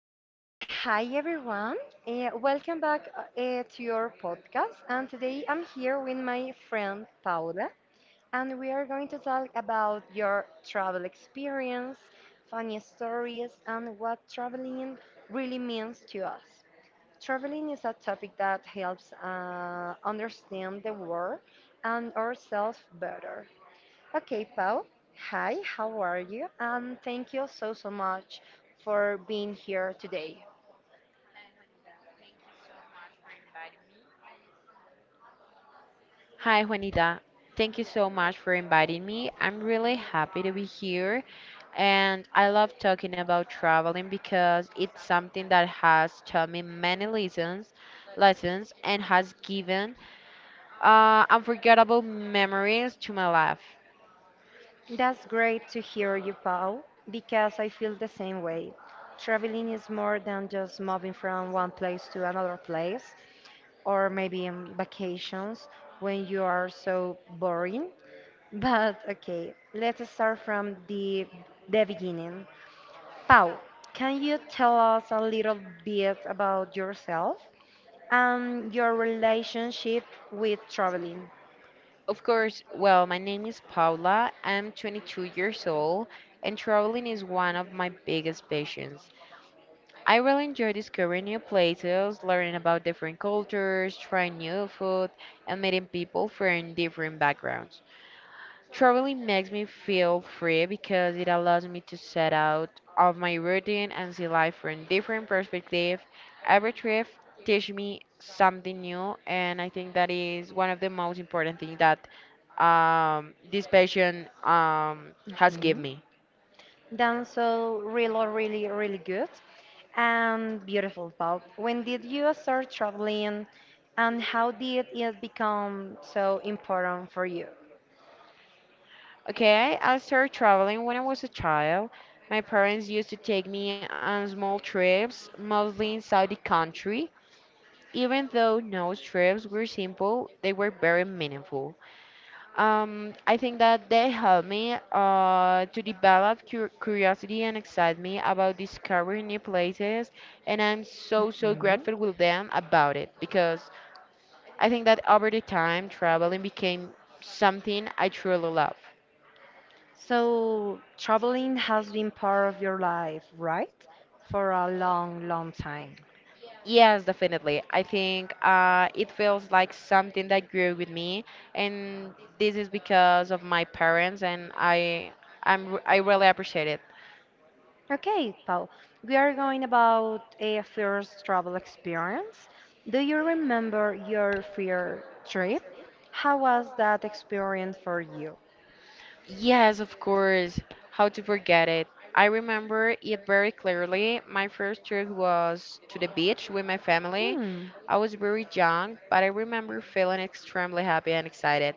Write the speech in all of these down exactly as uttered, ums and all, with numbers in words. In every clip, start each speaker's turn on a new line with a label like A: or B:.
A: Okay, okay. Hi, everyone. Uh, welcome back uh, uh, to your podcast. And today I'm here with my friend Paula, and we are going to talk about your travel experience, funny stories, and what traveling really means to us. Traveling is a topic that helps uh, understand the world and ourselves better. Okay, Paul. Hi, how are you? And thank you so, so much for being here today.
B: Hi, Juanita. Thank you so much for inviting me. I'm really happy to be here. And I love talking about traveling because it's something that has taught me many lessons, lessons and has given uh, unforgettable memories to my life.
A: That's great to hear you, Paul, because I feel the same way. Traveling is more than just moving from one place to another place, or maybe in vacations when you are so boring. But okay, let's start from the, the beginning. Paul, can you tell us a little bit about yourself and your relationship with traveling?
B: Of course, well, my name is Paula. I'm twenty-two years old, and traveling is one of my biggest passions. I really enjoy discovering new places, learning about different cultures, trying new food, and meeting people from different backgrounds. Traveling makes me feel free because it allows me to set out of my routine and see life from different perspectives. Every trip teaches me something new, and I think that is one of the most important things that um, this passion um, has given me.
A: Done so really, really, really good and beautiful, Paul. When did you start traveling and how did it become so important for you?
B: Okay, I started traveling when I was a child. My parents used to take me on small trips, mostly inside the country. Even though no trips were simple, they were very meaningful. Um, I think that they helped me uh, to develop cur curiosity and excitement about discovering new places, and I'm so, so
A: Mhm.
B: grateful with them about it because I think that over the time, traveling became something I truly love.
A: So, traveling has been part of your life, right? For a long, long time.
B: Yes, definitely. I think uh, it feels like something that grew with me, and this is because of my parents, and I, I'm, r- I really appreciate it.
A: Okay, Paul, we are going about a first travel experience. Do you remember your first trip? How was that experience for you?
B: Yes, of course. How to forget it? I remember it very clearly. My first trip was to the beach with my family.
A: Hmm.
B: I was very young, but I remember feeling extremely happy and excited.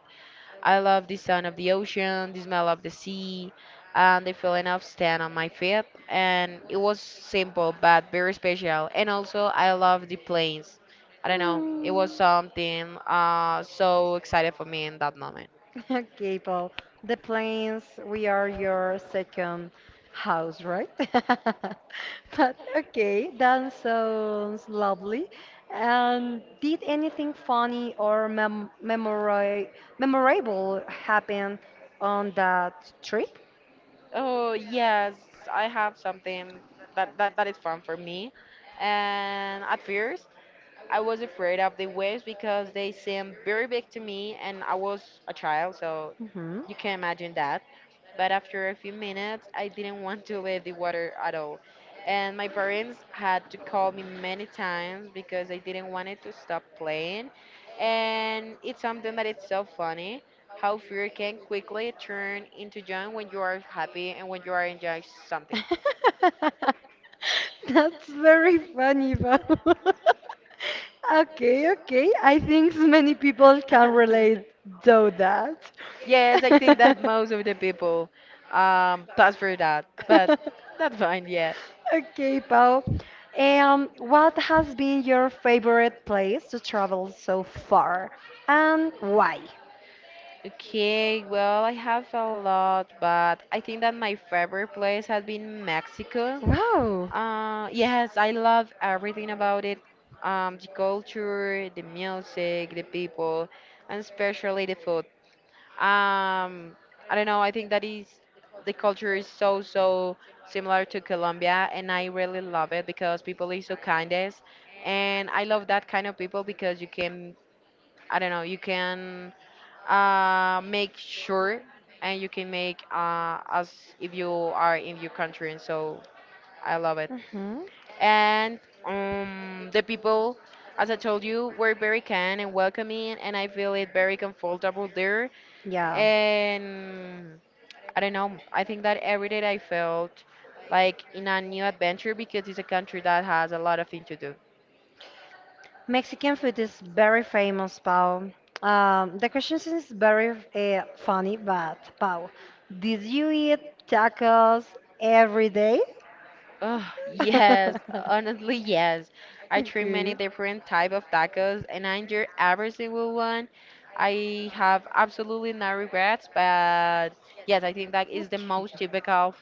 B: I love the sound of the ocean, the smell of the sea, and the feeling of stand on my feet. And it was simple but very special. And also, I love the planes. I don't know. It
A: Hmm.
B: was something uh, so excited for me in that moment.
A: Okay, Paul. The planes, we are your second house, right? But okay, that sounds lovely. And did anything funny or mem memora memorable happen on that trip?
B: Oh yes, I have something that that, that is fun for me. And at first, I was afraid of the waves because they seemed very big to me and I was a child, so
A: Mm-hmm.
B: you can imagine that. But after a few minutes, I didn't want to leave the water at all. And my parents had to call me many times because I didn't want it to stop playing. And it's something that it's so funny how fear can quickly turn into joy when you are happy and when you are enjoying something.
A: That's very funny, Bob. Okay, okay. I think many people can relate though that.
B: Yes, I think that most of the people um, pass through that, but that's fine, yeah.
A: Okay, Pau. Um, what has been your favorite place to travel so far, and why?
B: Okay, well, I have a lot, but I think that my favorite place has been Mexico.
A: Wow.
B: Uh, yes, I love everything about it. Um, the culture, the music, the people, and especially the food. Um, I don't know. I think that is the culture is so so similar to Colombia, and I really love it because people is so kindest, and I love that kind of people because you can I don't know you can uh make sure and you can make uh as if you are in your country, and so I love it.
A: Mm-hmm.
B: And um, the people, as I told you, were very kind and welcoming, and I feel it very comfortable there.
A: Yeah.
B: And I don't know, I think that every day I felt like in a new adventure because it's a country that has a lot of things to do.
A: Mexican food is very famous, Pau. Um, the question is very uh, funny, but Pau, did you eat tacos every day?
B: Oh, yes, honestly, yes. I try many
A: Okay.
B: different type of tacos and I enjoy every single one. I have absolutely no regrets, but yes, I think that is the
A: Okay.
B: most typical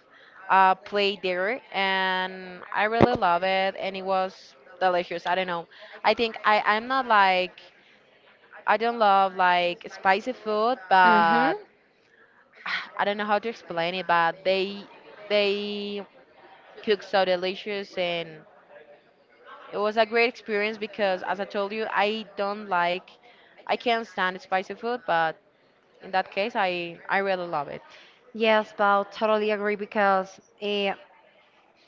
B: uh, play there, and I really love it, and it was delicious. I don't know. I think I I'm not like I don't love like spicy food,
A: Mm-hmm.
B: but I don't know how to explain it, but they they cook so delicious and it was a great experience because as I told you, I don't like I can't stand spicy food, but in that case I I really love it.
A: Yes, Pau, totally agree because uh,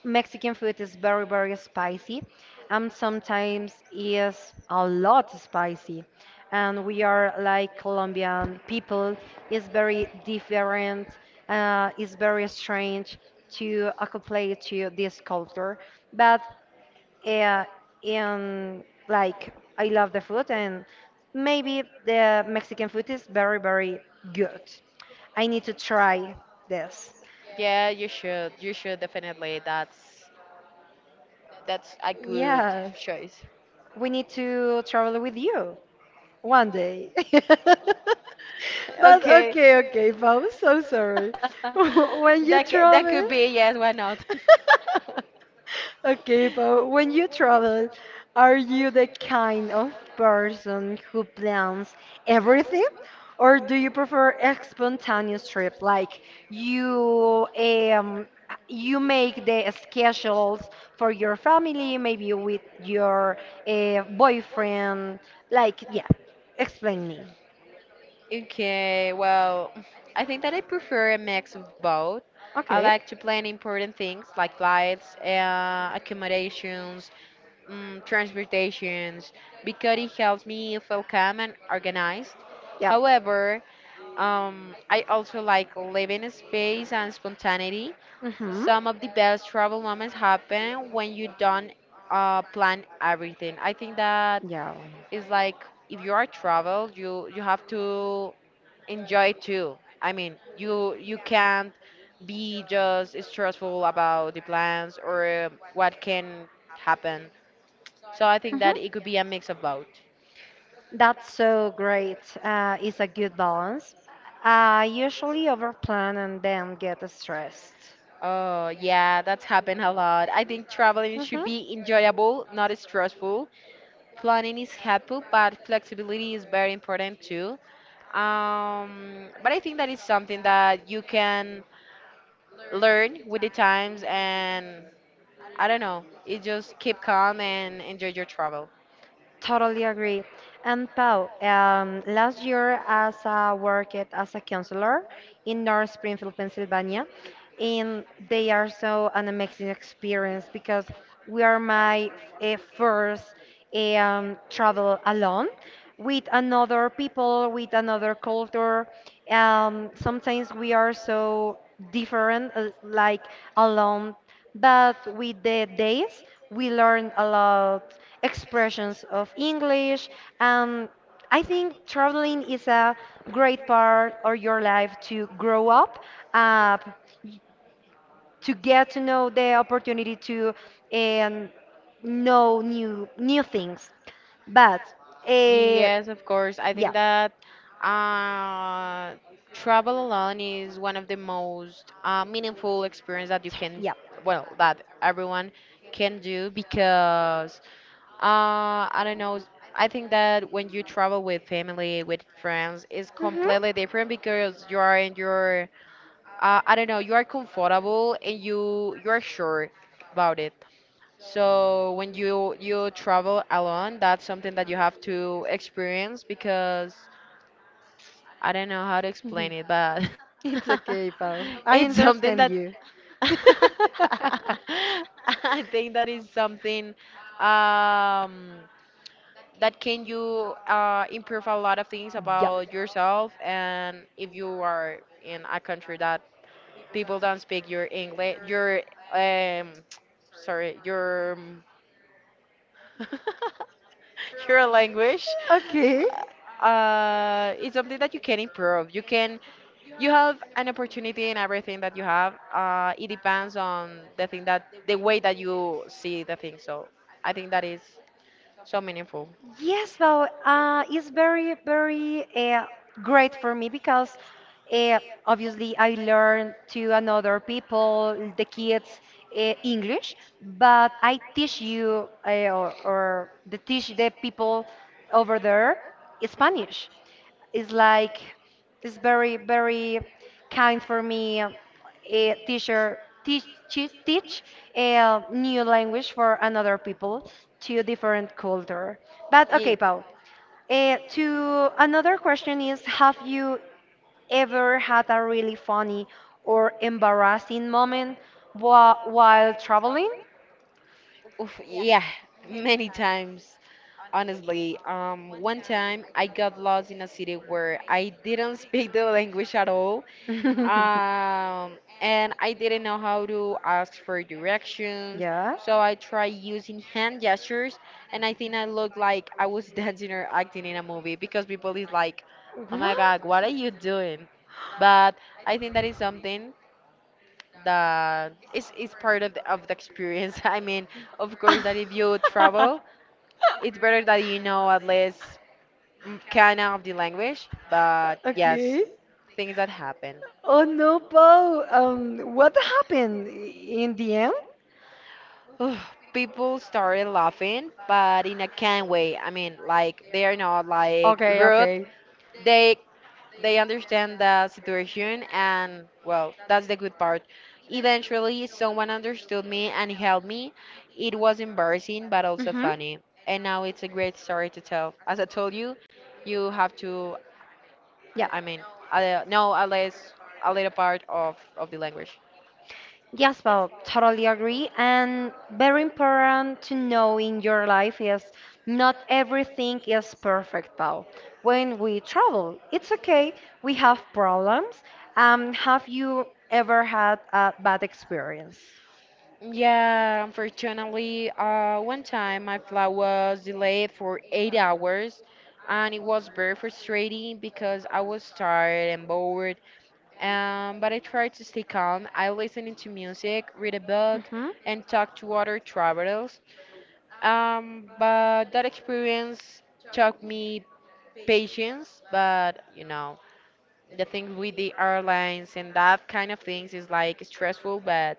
A: Mexican food is very, very spicy, and sometimes is a lot spicy. And we are like Colombian people, is very different, uh, is very strange to acclimate to this culture. But uh, in like, I love the food, and maybe the Mexican food is very, very good. I need to try this.
B: Yeah, you should. You should definitely. That's that's a good
A: Yes.
B: choice.
A: We need to travel with you one day. But
B: Okay.
A: okay, okay, Bob, so sorry. When
B: that
A: you
B: ca- that could
A: travel,
B: be yes, why not?
A: okay, but when you travel, are you the kind of person who plans everything? Or do you prefer a spontaneous trip? Like you um you make the schedules for your family, maybe with your uh, boyfriend. Like, yeah, explain me.
B: Okay, well, I think that I prefer a mix of both. I
A: Okay.
B: like to plan important things like flights, uh, accommodations, mm, transportations, because it helps me feel calm and organized.
A: Yep.
B: However, um, I also like living in space and spontaneity.
A: Hmm.
B: Some of the best travel moments happen when you don't uh, plan everything. I think that
A: Yeah.
B: is like if you are travel, you you have to enjoy too. I mean, you you can't be just stressful about the plans or um, what can happen. So I think
A: Mm-hmm.
B: that it could be a mix of both.
A: That's so great. Uh, it's a good balance. I usually overplan and then get stressed.
B: Oh, yeah, that's happened a lot. I think traveling should
A: Mm-hmm.
B: be enjoyable, not stressful. Planning is helpful, but flexibility is very important too. Um, but I think that is something that you can learn with the times, and I don't know, it just keep calm and enjoy your travel.
A: Totally agree. And Pau, um, last year as I worked as a counselor in North Springfield, Pennsylvania, and they are so an amazing experience because we are my uh, first um, travel alone with another people, with another culture. Um, sometimes we are so different, uh, like alone but with the days, we learn a lot expressions of English, and I think traveling is a great part of your life to grow up, uh, y- to get to know the opportunity to um, know new new things. But uh,
B: Yes, of course. I
A: yeah,
B: think that uh, travel alone is one of the most uh, meaningful experience that you
A: T-
B: can,
A: yep.
B: well, that everyone can do because uh, I don't know. I think that when you travel with family, with friends, it's
A: Mhm.
B: completely different because you are in your, uh, I don't know, you are comfortable and you you are sure about it. So when you you travel alone, that's something that you have to experience because I don't know how to explain it, but
A: It's okay, it's Pau.
B: it's
A: I fun.
B: something that
A: Understand you. I think.
B: I think that is something um, that can you uh, improve a lot of things
A: Yep.
B: about yourself, and if you are in a country that people don't speak your English, your um, sorry, your um, your language
A: Okay.
B: uh, is something that you can improve. You can you have an opportunity in everything that you have. Uh, it depends on the thing that the way that you see the thing. So I think that is so meaningful.
A: Yes, but uh, it's very, very uh, great for me because uh, obviously I learn to another people, the kids, uh, English, but I teach you uh, or, or the teach the people over there Spanish. It's like it's very very kind for me. A teacher teach teach teach a new language for another people to a different culture. But okay,
B: Ye-
A: Paul. Uh, to another question is, have you ever had a really funny or embarrassing moment wha- while traveling?
B: Oof, yeah, many times. Honestly, um, one time I got lost in a city where I didn't speak the language at all, um, and I didn't know how to ask for directions.
A: Yeah.
B: So I tried using hand gestures, and I think I looked like I was dancing or acting in a movie because people is like, "Oh my God,
A: What?
B: what are you doing?" But I think that is something that is is part of the, of the experience. I mean, of course, that if you travel, it's better that you know at least mm, kind of the language, but yes,
A: Okay.
B: things that happen.
A: Oh no, Paul. Um, what happened in the end?
B: Ugh, people started laughing, but in a kind way. I mean, like they are not like
A: Okay,
B: rude.
A: okay.
B: They they understand the situation and well that's the good part. Eventually someone understood me and helped me. It was embarrassing but also
A: Mm-hmm.
B: funny, and now it's a great story to tell. As I told you, you have to, I mean,
A: Yeah.
B: uh, know at least a little part of of the language.
A: Yes, well, totally agree. And very important to know in your life is not everything is perfect, Paul. When we travel, it's okay. We have problems. Um, have you ever had a bad experience?
B: Yeah, unfortunately uh one time my flight was delayed for eight hours and it was very frustrating because I was tired and bored. Um, but I try to stay calm. I listen to music, read a book,
A: Mm-hmm.
B: and talk to other travelers. Um, but that experience taught me patience. But you know, the things with the airlines and that kind of things is like stressful, but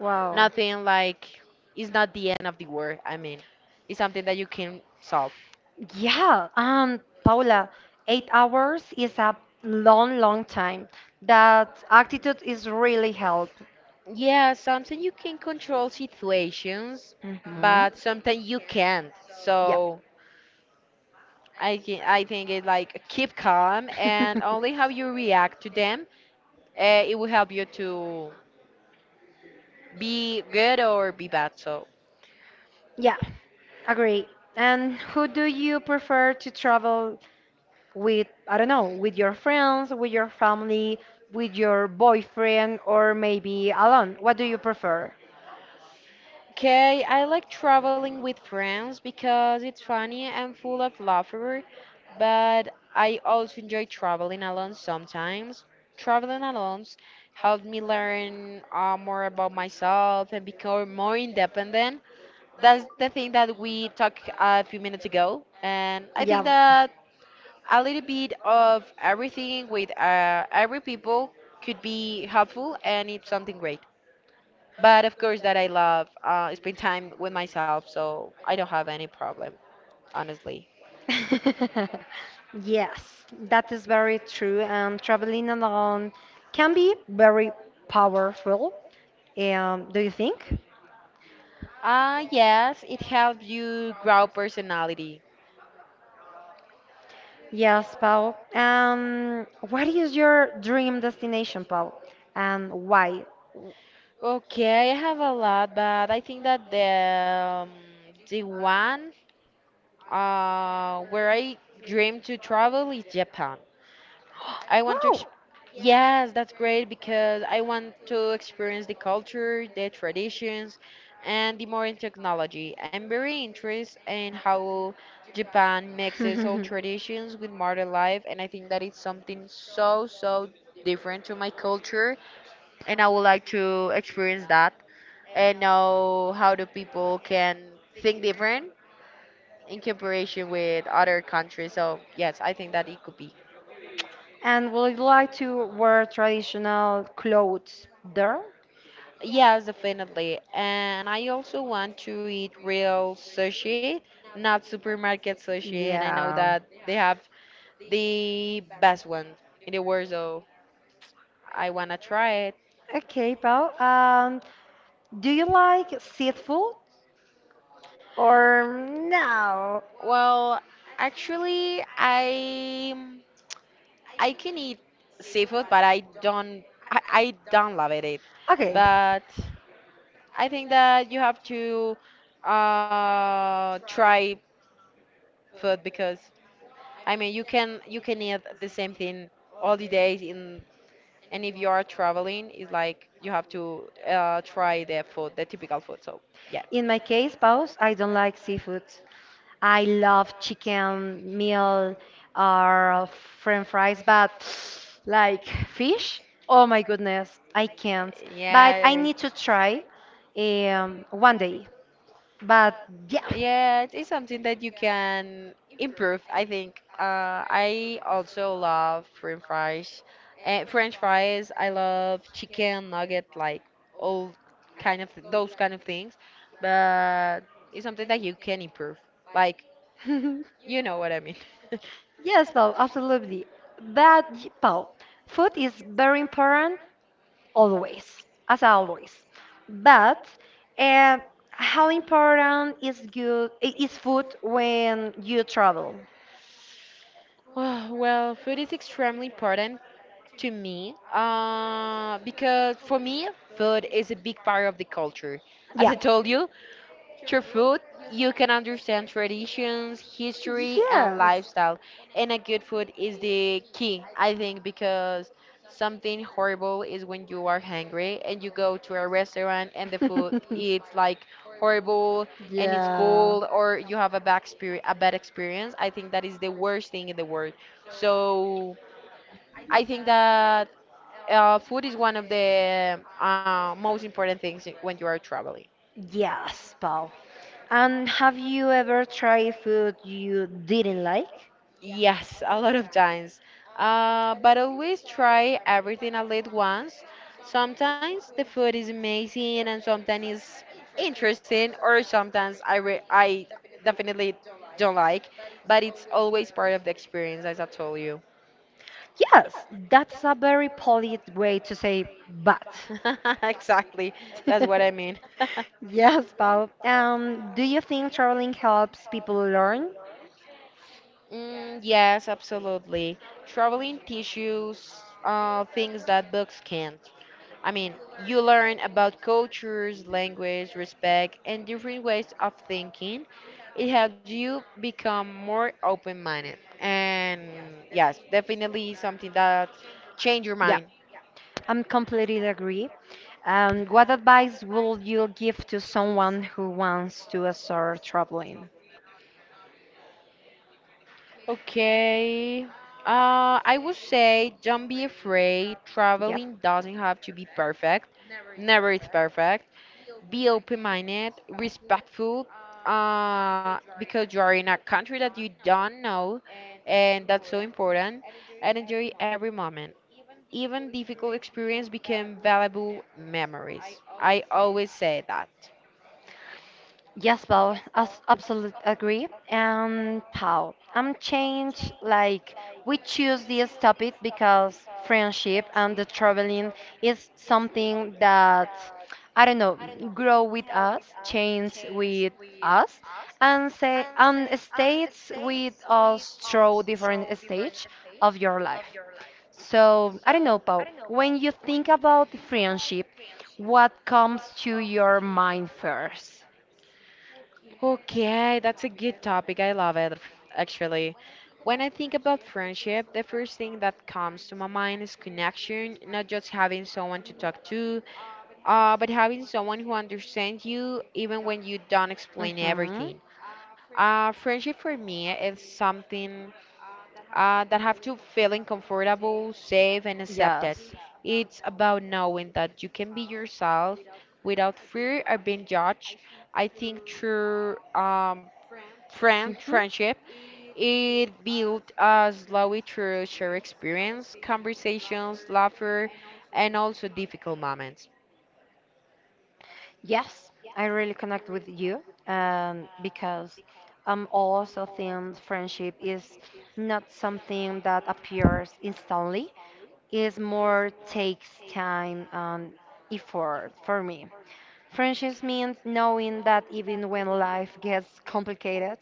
A: Wow.
B: nothing like it's not the end of the world. I mean, it's something that you can solve.
A: Yeah, um, Paula, eight hours is a long, long time. That attitude is really help.
B: Yeah, sometimes you can control situations,
A: Mhm.
B: but sometimes you can't.
A: Yep.
B: So I can, I think it's like keep calm and only how you react to them, uh, it will help you to be good or be bad. So,
A: Yeah, agree. And who do you prefer to travel with? I don't know, with your friends, with your family, with your boyfriend, or maybe alone? What do you prefer?
B: okay, I like traveling with friends because it's funny and full of laughter, but I also enjoy traveling alone sometimes. Traveling alone helped me learn uh, more about myself and become more independent. That's the thing that we talked a few minutes ago, and I think that a little bit of everything with uh, every people could be helpful and it's something great but of course that I love uh, spend time with myself so I don't have any problem honestly.
A: Yeah. Yes, that is very true. And traveling alone can be very powerful. Um, do you think?
B: Uh, yes it helps you grow personality.
A: Yes, Paul. Um, what is your dream destination, Paul? And why? I
B: Okay, I have a lot, but I think that the um, the one uh, where I dream to travel is Japan. I want to, ex-
A: wow.
B: yes, that's great because I want to experience the culture, the traditions, and the modern technology. I'm very interested in how Japan mixes old traditions with modern life, and I think that it's something so, so different to my culture, and I would like to experience that and know how the people can think different in comparison with other countries. So, yes, I think that it could be.
A: And would you like to wear traditional clothes there?
B: Yes, definitely. And I also want to eat real sushi, not supermarket sushi. And I know
A: Yeah.
B: that they have the best one in the world, so I wanna try it.
A: Okay, Pau. Um, do you like seafood or no?
B: Well, actually, I I can eat seafood, but I don't I, I don't love it. it.
A: Okay.
B: But I think that you have to uh try food because I mean, you can you can eat the same thing all the days in, and if you are traveling, it's like you have to uh, try the food, the typical food. So yeah,
A: In my case, Paus, I don't like seafood. I love chicken, meal, or french fries, but like fish? Oh my goodness, I can't. But I
B: yeah,
A: need to try um, one day. But yeah.
B: yeah, it is something that you can improve, I think. Uh, I also love French fries. Uh, French fries. I love chicken nugget, like all kind of those kind of things. But it's something that you can improve. Like You know what I mean.
A: Yes, Paul, absolutely. But y- Paul, food is very important always, as always. But uh, how important is good i- is food when you travel?
B: Ah, Well, food is extremely important to me uh, because for me, food is a big part of the culture. As
A: Yeah.
B: I told you, through food, you can understand traditions, history, and
A: Yes.
B: lifestyle. And a good food is the key, I think, because something horrible is when you are hungry and you go to a restaurant and the food it's like horrible and it's
A: Yeah.
B: cold or you have a bad experience, a bad experience. I think that is the worst thing in the world. So I think that uh, food is one of the uh, most important things when you are traveling.
A: Yes, Paul. And have you ever tried food you didn't like?
B: Yes, a lot of times. Uh, but always try everything at least once. Sometimes the food is amazing and sometimes it's interesting or sometimes I re I definitely don't like, but it's always part of the experience, as I told you.
A: Yes, that's a very polite way to say but.
B: Exactly. That's what I mean.
A: Yes, Paul. Um, do you think traveling helps people learn?
B: Mm, yes, absolutely. Traveling tissues, uh, things that books can't. I mean, you learn about cultures, language, respect, and different ways of thinking. It helps you become more open-minded. And yes, definitely something that change your
A: Yeah,
B: mind.
A: I'm completely agree. Um, what advice will you give to someone who wants to start traveling?
B: Okay. Uh, I would say don't be afraid.
A: Yep.
B: Traveling doesn't have to be perfect. Never is perfect. Be open-minded, respectful, uh, because you are in a country that you don't know, and that's so important. And enjoy every moment. Even difficult experience become valuable memories. I always say that.
A: Yes, well, as absolutely agree. And Pau, I'm changed. Like we choose this topic because friendship and the traveling is something that, I don't know, grow with us, change with us, and say and stays with us through different stage of your life. So I don't know, Pau. When you think about friendship, what comes to your mind first?
B: Okay, that's a good topic. I love it, actually. When I think about friendship, the first thing that comes to my mind is connection, not just having someone to talk to. Uh, but having someone who understands you even when you don't explain
A: Mm-hmm.
B: everything. Uh, friendship for me is something uh, that have to feeling comfortable, safe, and accepted.
A: Yes.
B: It's about knowing that you can be yourself without fear of being judged. I think true um, friend
A: Mm-hmm.
B: friendship it built uh, slowly through shared experience, conversations, laughter, and also difficult moments.
A: Yes, I really connect with you um, because I'm also think friendship is not something that appears instantly. It's more takes time and effort for me. Friendships means knowing that even when life gets complicated,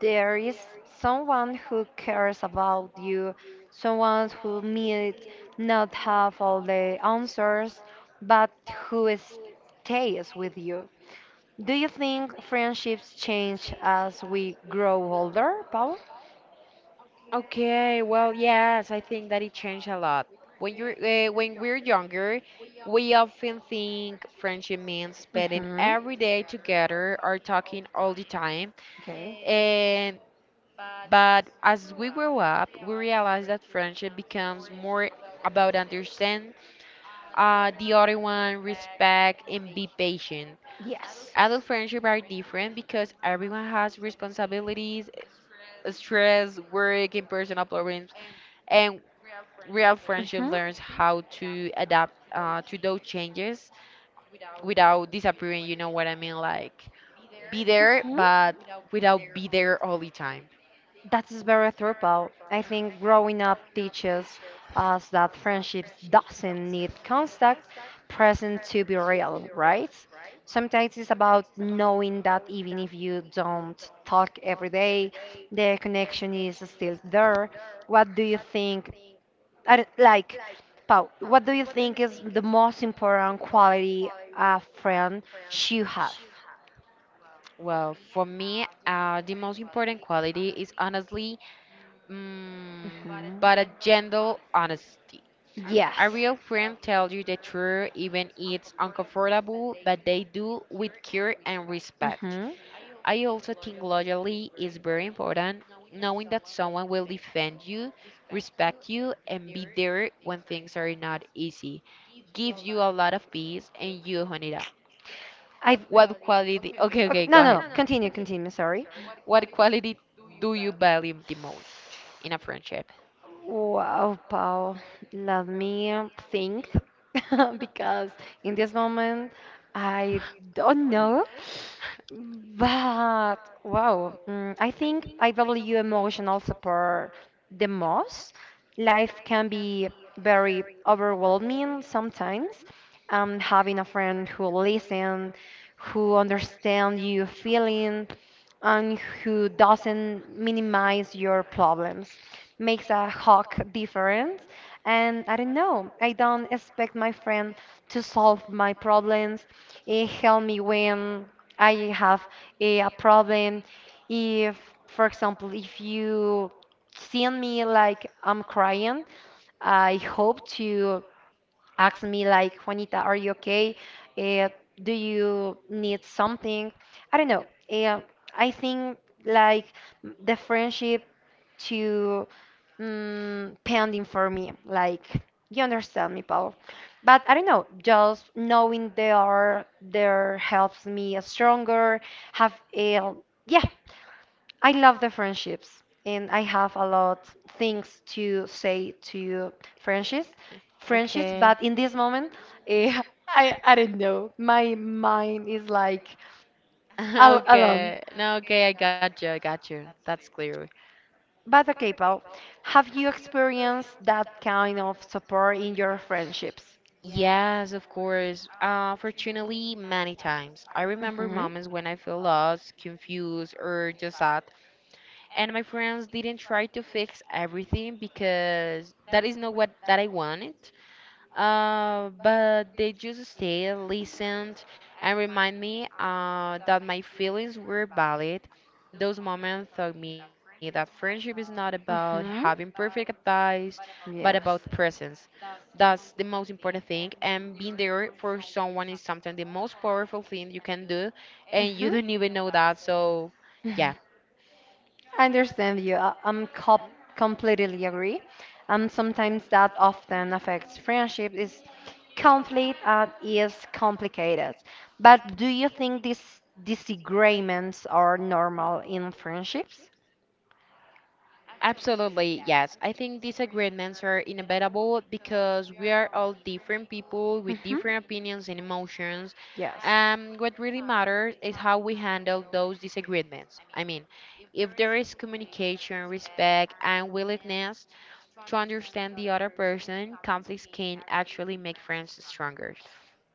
A: there is someone who cares about you, someone who may not have all the answers, but who stays with you. Do you think friendships change as we grow older, Paul?
B: Okay, well, yes, I think that it changed a lot. When you're uh, when we're younger, we often think friendship means spending
A: Mm-hmm.
B: every day together or talking all the time.
A: Okay.
B: And but as we grow up, we realize that friendship becomes more about understand uh, the other one, respect, and be patient.
A: Yes.
B: Adult friendship are different because everyone has responsibilities, stress, work, and personal problems. And real friendship learns how to adapt
A: Mhm.
B: uh, to those changes without disappearing, you know what I mean? Like, be there,
A: Mhm.
B: but without be there all the time.
A: That is very thorough. I think growing up teaches us that friendships doesn't need contact present to be real, right? Sometimes it's about knowing that even if you don't talk every day, the connection is still there. What do you think? I don't- like, Pau, what do you think is the most important quality a friend should have?
B: Well, for me, uh, the most important quality is honestly, mm,
A: Mhm.
B: but a gentle honesty. A
A: Yes.
B: real friend tells you the truth, even it's uncomfortable, but they do with care and respect.
A: Mm-hmm.
B: I also think loyalty is very important, knowing that someone will defend you, respect you, and be there when things are not easy. Gives you a lot of peace and you own it up.
A: I've.
B: What quality? Okay,
A: Okay,
B: okay, go
A: no, no,
B: ahead.
A: no. Continue, continue. Sorry.
B: What quality do you value the most in a friendship?
A: Wow, Paul, let me think because in this moment I don't know. But wow, mm, I think I value emotional support the most. Life can be very overwhelming sometimes. Um, having a friend who listens, who understands you feeling, and who doesn't minimize your problems makes a hawk difference. And I don't know, I don't expect my friend to solve my problems, eh, help me when I have eh, a problem. If for example if you see me like I'm crying, I hope to ask me like, Juanita, are you okay? Uh, do you need something? I don't know. Uh, I think like m- the friendship to mm, pending for me. Like you understand me, Paul. But I don't know. Just knowing they are there helps me stronger. Have a yeah. I love the friendships, and I have a lot things to say to friendships, friendships.
B: Okay.
A: But in this moment, eh, I I don't know. My mind is like al alone.
B: Okay. No, okay, I got you. I got you. That's clear.
A: But okay, Paul, have you experienced that kind of support in your friendships?
B: Yes, of course. Uh, fortunately, many times. I remember
A: Hmm.
B: moments when I feel lost, confused, or just sad, and my friends didn't try to fix everything because that is not what that I wanted. Uh, but they just stayed, listened, and remind me uh, that my feelings were valid. Those moments taught me that friendship is not about having
A: Mhm.
B: perfect advice, but about
A: Yes. Presence.
B: presence. That's the most important thing, and being there for someone is sometimes the most powerful thing you can do, and you
A: Hmm.
B: don't even know that. So, yeah.
A: I understand you. I- I'm com completely agree. Um, sometimes that often affects friendship is conflict and is complicated. But do you think these disagreements are normal in friendships?
B: Absolutely, yes. I think disagreements are inevitable because we are all different people with
A: Hmm.
B: different opinions and emotions.
A: Yes.
B: Um, what really matters is how we handle those disagreements. I mean, if there is communication, respect, and willingness to understand the other person, conflicts can actually make friends stronger.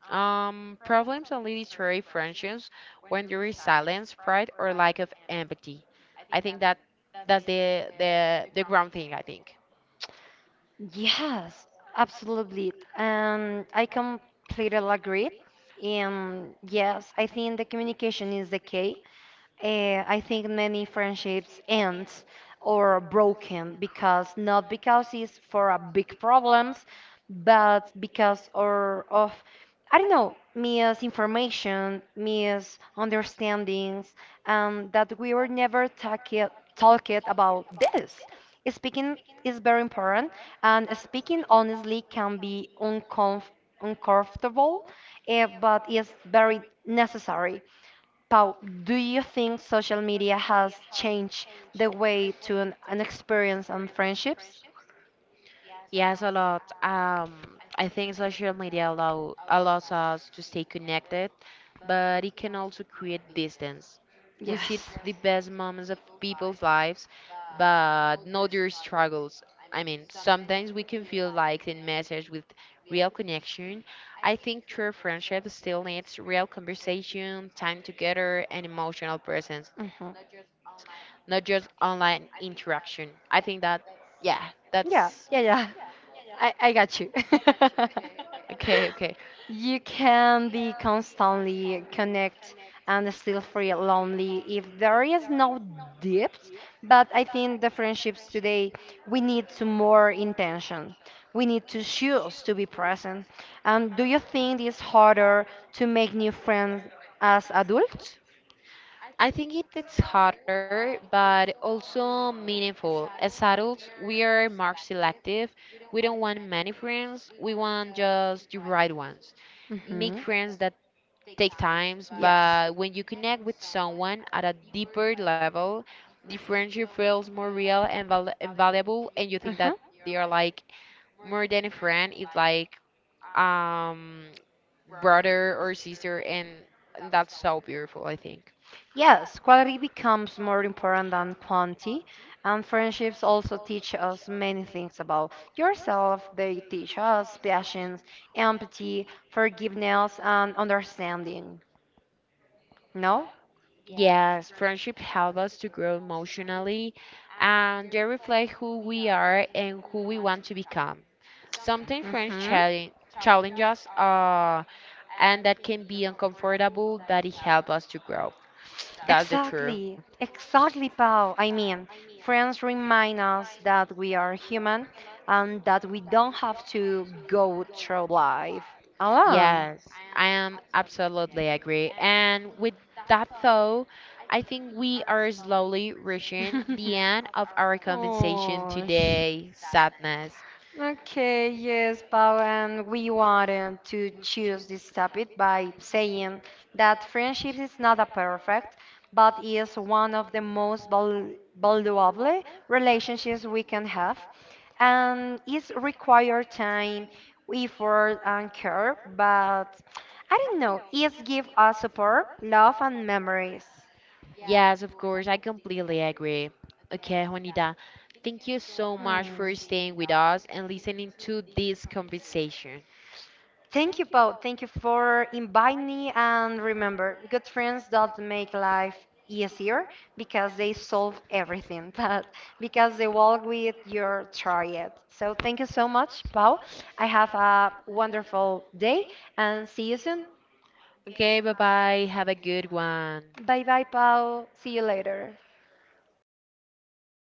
B: Um, problems only destroy friendships when there is silence, pride, or lack of empathy. I think that that's the the the ground thing, I think.
A: Yes, absolutely. And I completely agree. And yes, I think the communication is the key. eh, I think many friendships end or are broken because not because it's for a big problems, but because or of, I don't know, misinformation, misunderstandings, and that we were never talking talking about this. Speaking is very important, and speaking honestly can be uncomf uncomfortable, eh, but is very necessary. Pau, do you think social media has changed the way to an, an experience and friendships?
B: Yes, a lot. Um, I think social media allow allows us to stay connected, but it can also create distance. We see
A: Yes.
B: the best moments of people's lives, but not their struggles. I mean, sometimes we can feel like in message with real connection. I think true friendship still needs real conversation, time together, and emotional presence,
A: Mhm.
B: not just online interaction. I think that, yeah, that's.
A: Yeah, yeah, yeah. I, I got you.
B: Okay, okay.
A: You can be constantly connect and still feel lonely if there is no depth. But I think the friendships today, we need to more intention. We need to choose to be present. And do you think it's harder to make new friends as adults?
B: I think it, it's harder, but also meaningful. As adults, we are more selective. We don't want many friends. We want just the right ones. Make
A: Mhm.
B: friends that take times,
A: Yes.
B: but when you connect with someone at a deeper level, the friendship feels more real and, val and valuable, and you think that
A: Mhm.
B: they are like more than a friend. It's like um brother or sister, and and that's so beautiful, I think.
A: Yes, quality becomes more important than quantity, and friendships also teach us many things about yourself. They teach us patience, empathy, forgiveness, and understanding. No?
B: Yes, friendship help us to grow emotionally and they reflect who we are and who we want to become. Sometimes friends
A: Mm-hmm.
B: challenge, challenge us uh, and that can be uncomfortable, but it helps us to grow. That's the truth.
A: Exactly. Exactly, Pau. I mean, friends remind us that we are human and that we don't have to go through life alone.
B: Yes, I am absolutely agree. And with that though, I think we are slowly reaching the end of our conversation
A: Oh,
B: today. Sadness.
A: today. Sh- okay, yes, Paul, and we wanted to choose this topic by saying that friendship is not a perfect, but is one of the most val- valuable relationships we can have, and it requires time, effort, and care. But I don't know, it gives us support, love, and memories.
B: Yes, of course, I completely agree. Okay, Juanita, thank you so much for staying with us and listening to this conversation.
A: Thank you, Paul. Thank you for inviting me. And remember, good friends don't make life easier because they solve everything, but because they walk with your triad. So thank you so much, Paul. I have a wonderful day and see you soon.
B: Okay, bye bye. Have a good one.
A: Bye bye, Paul. See you later.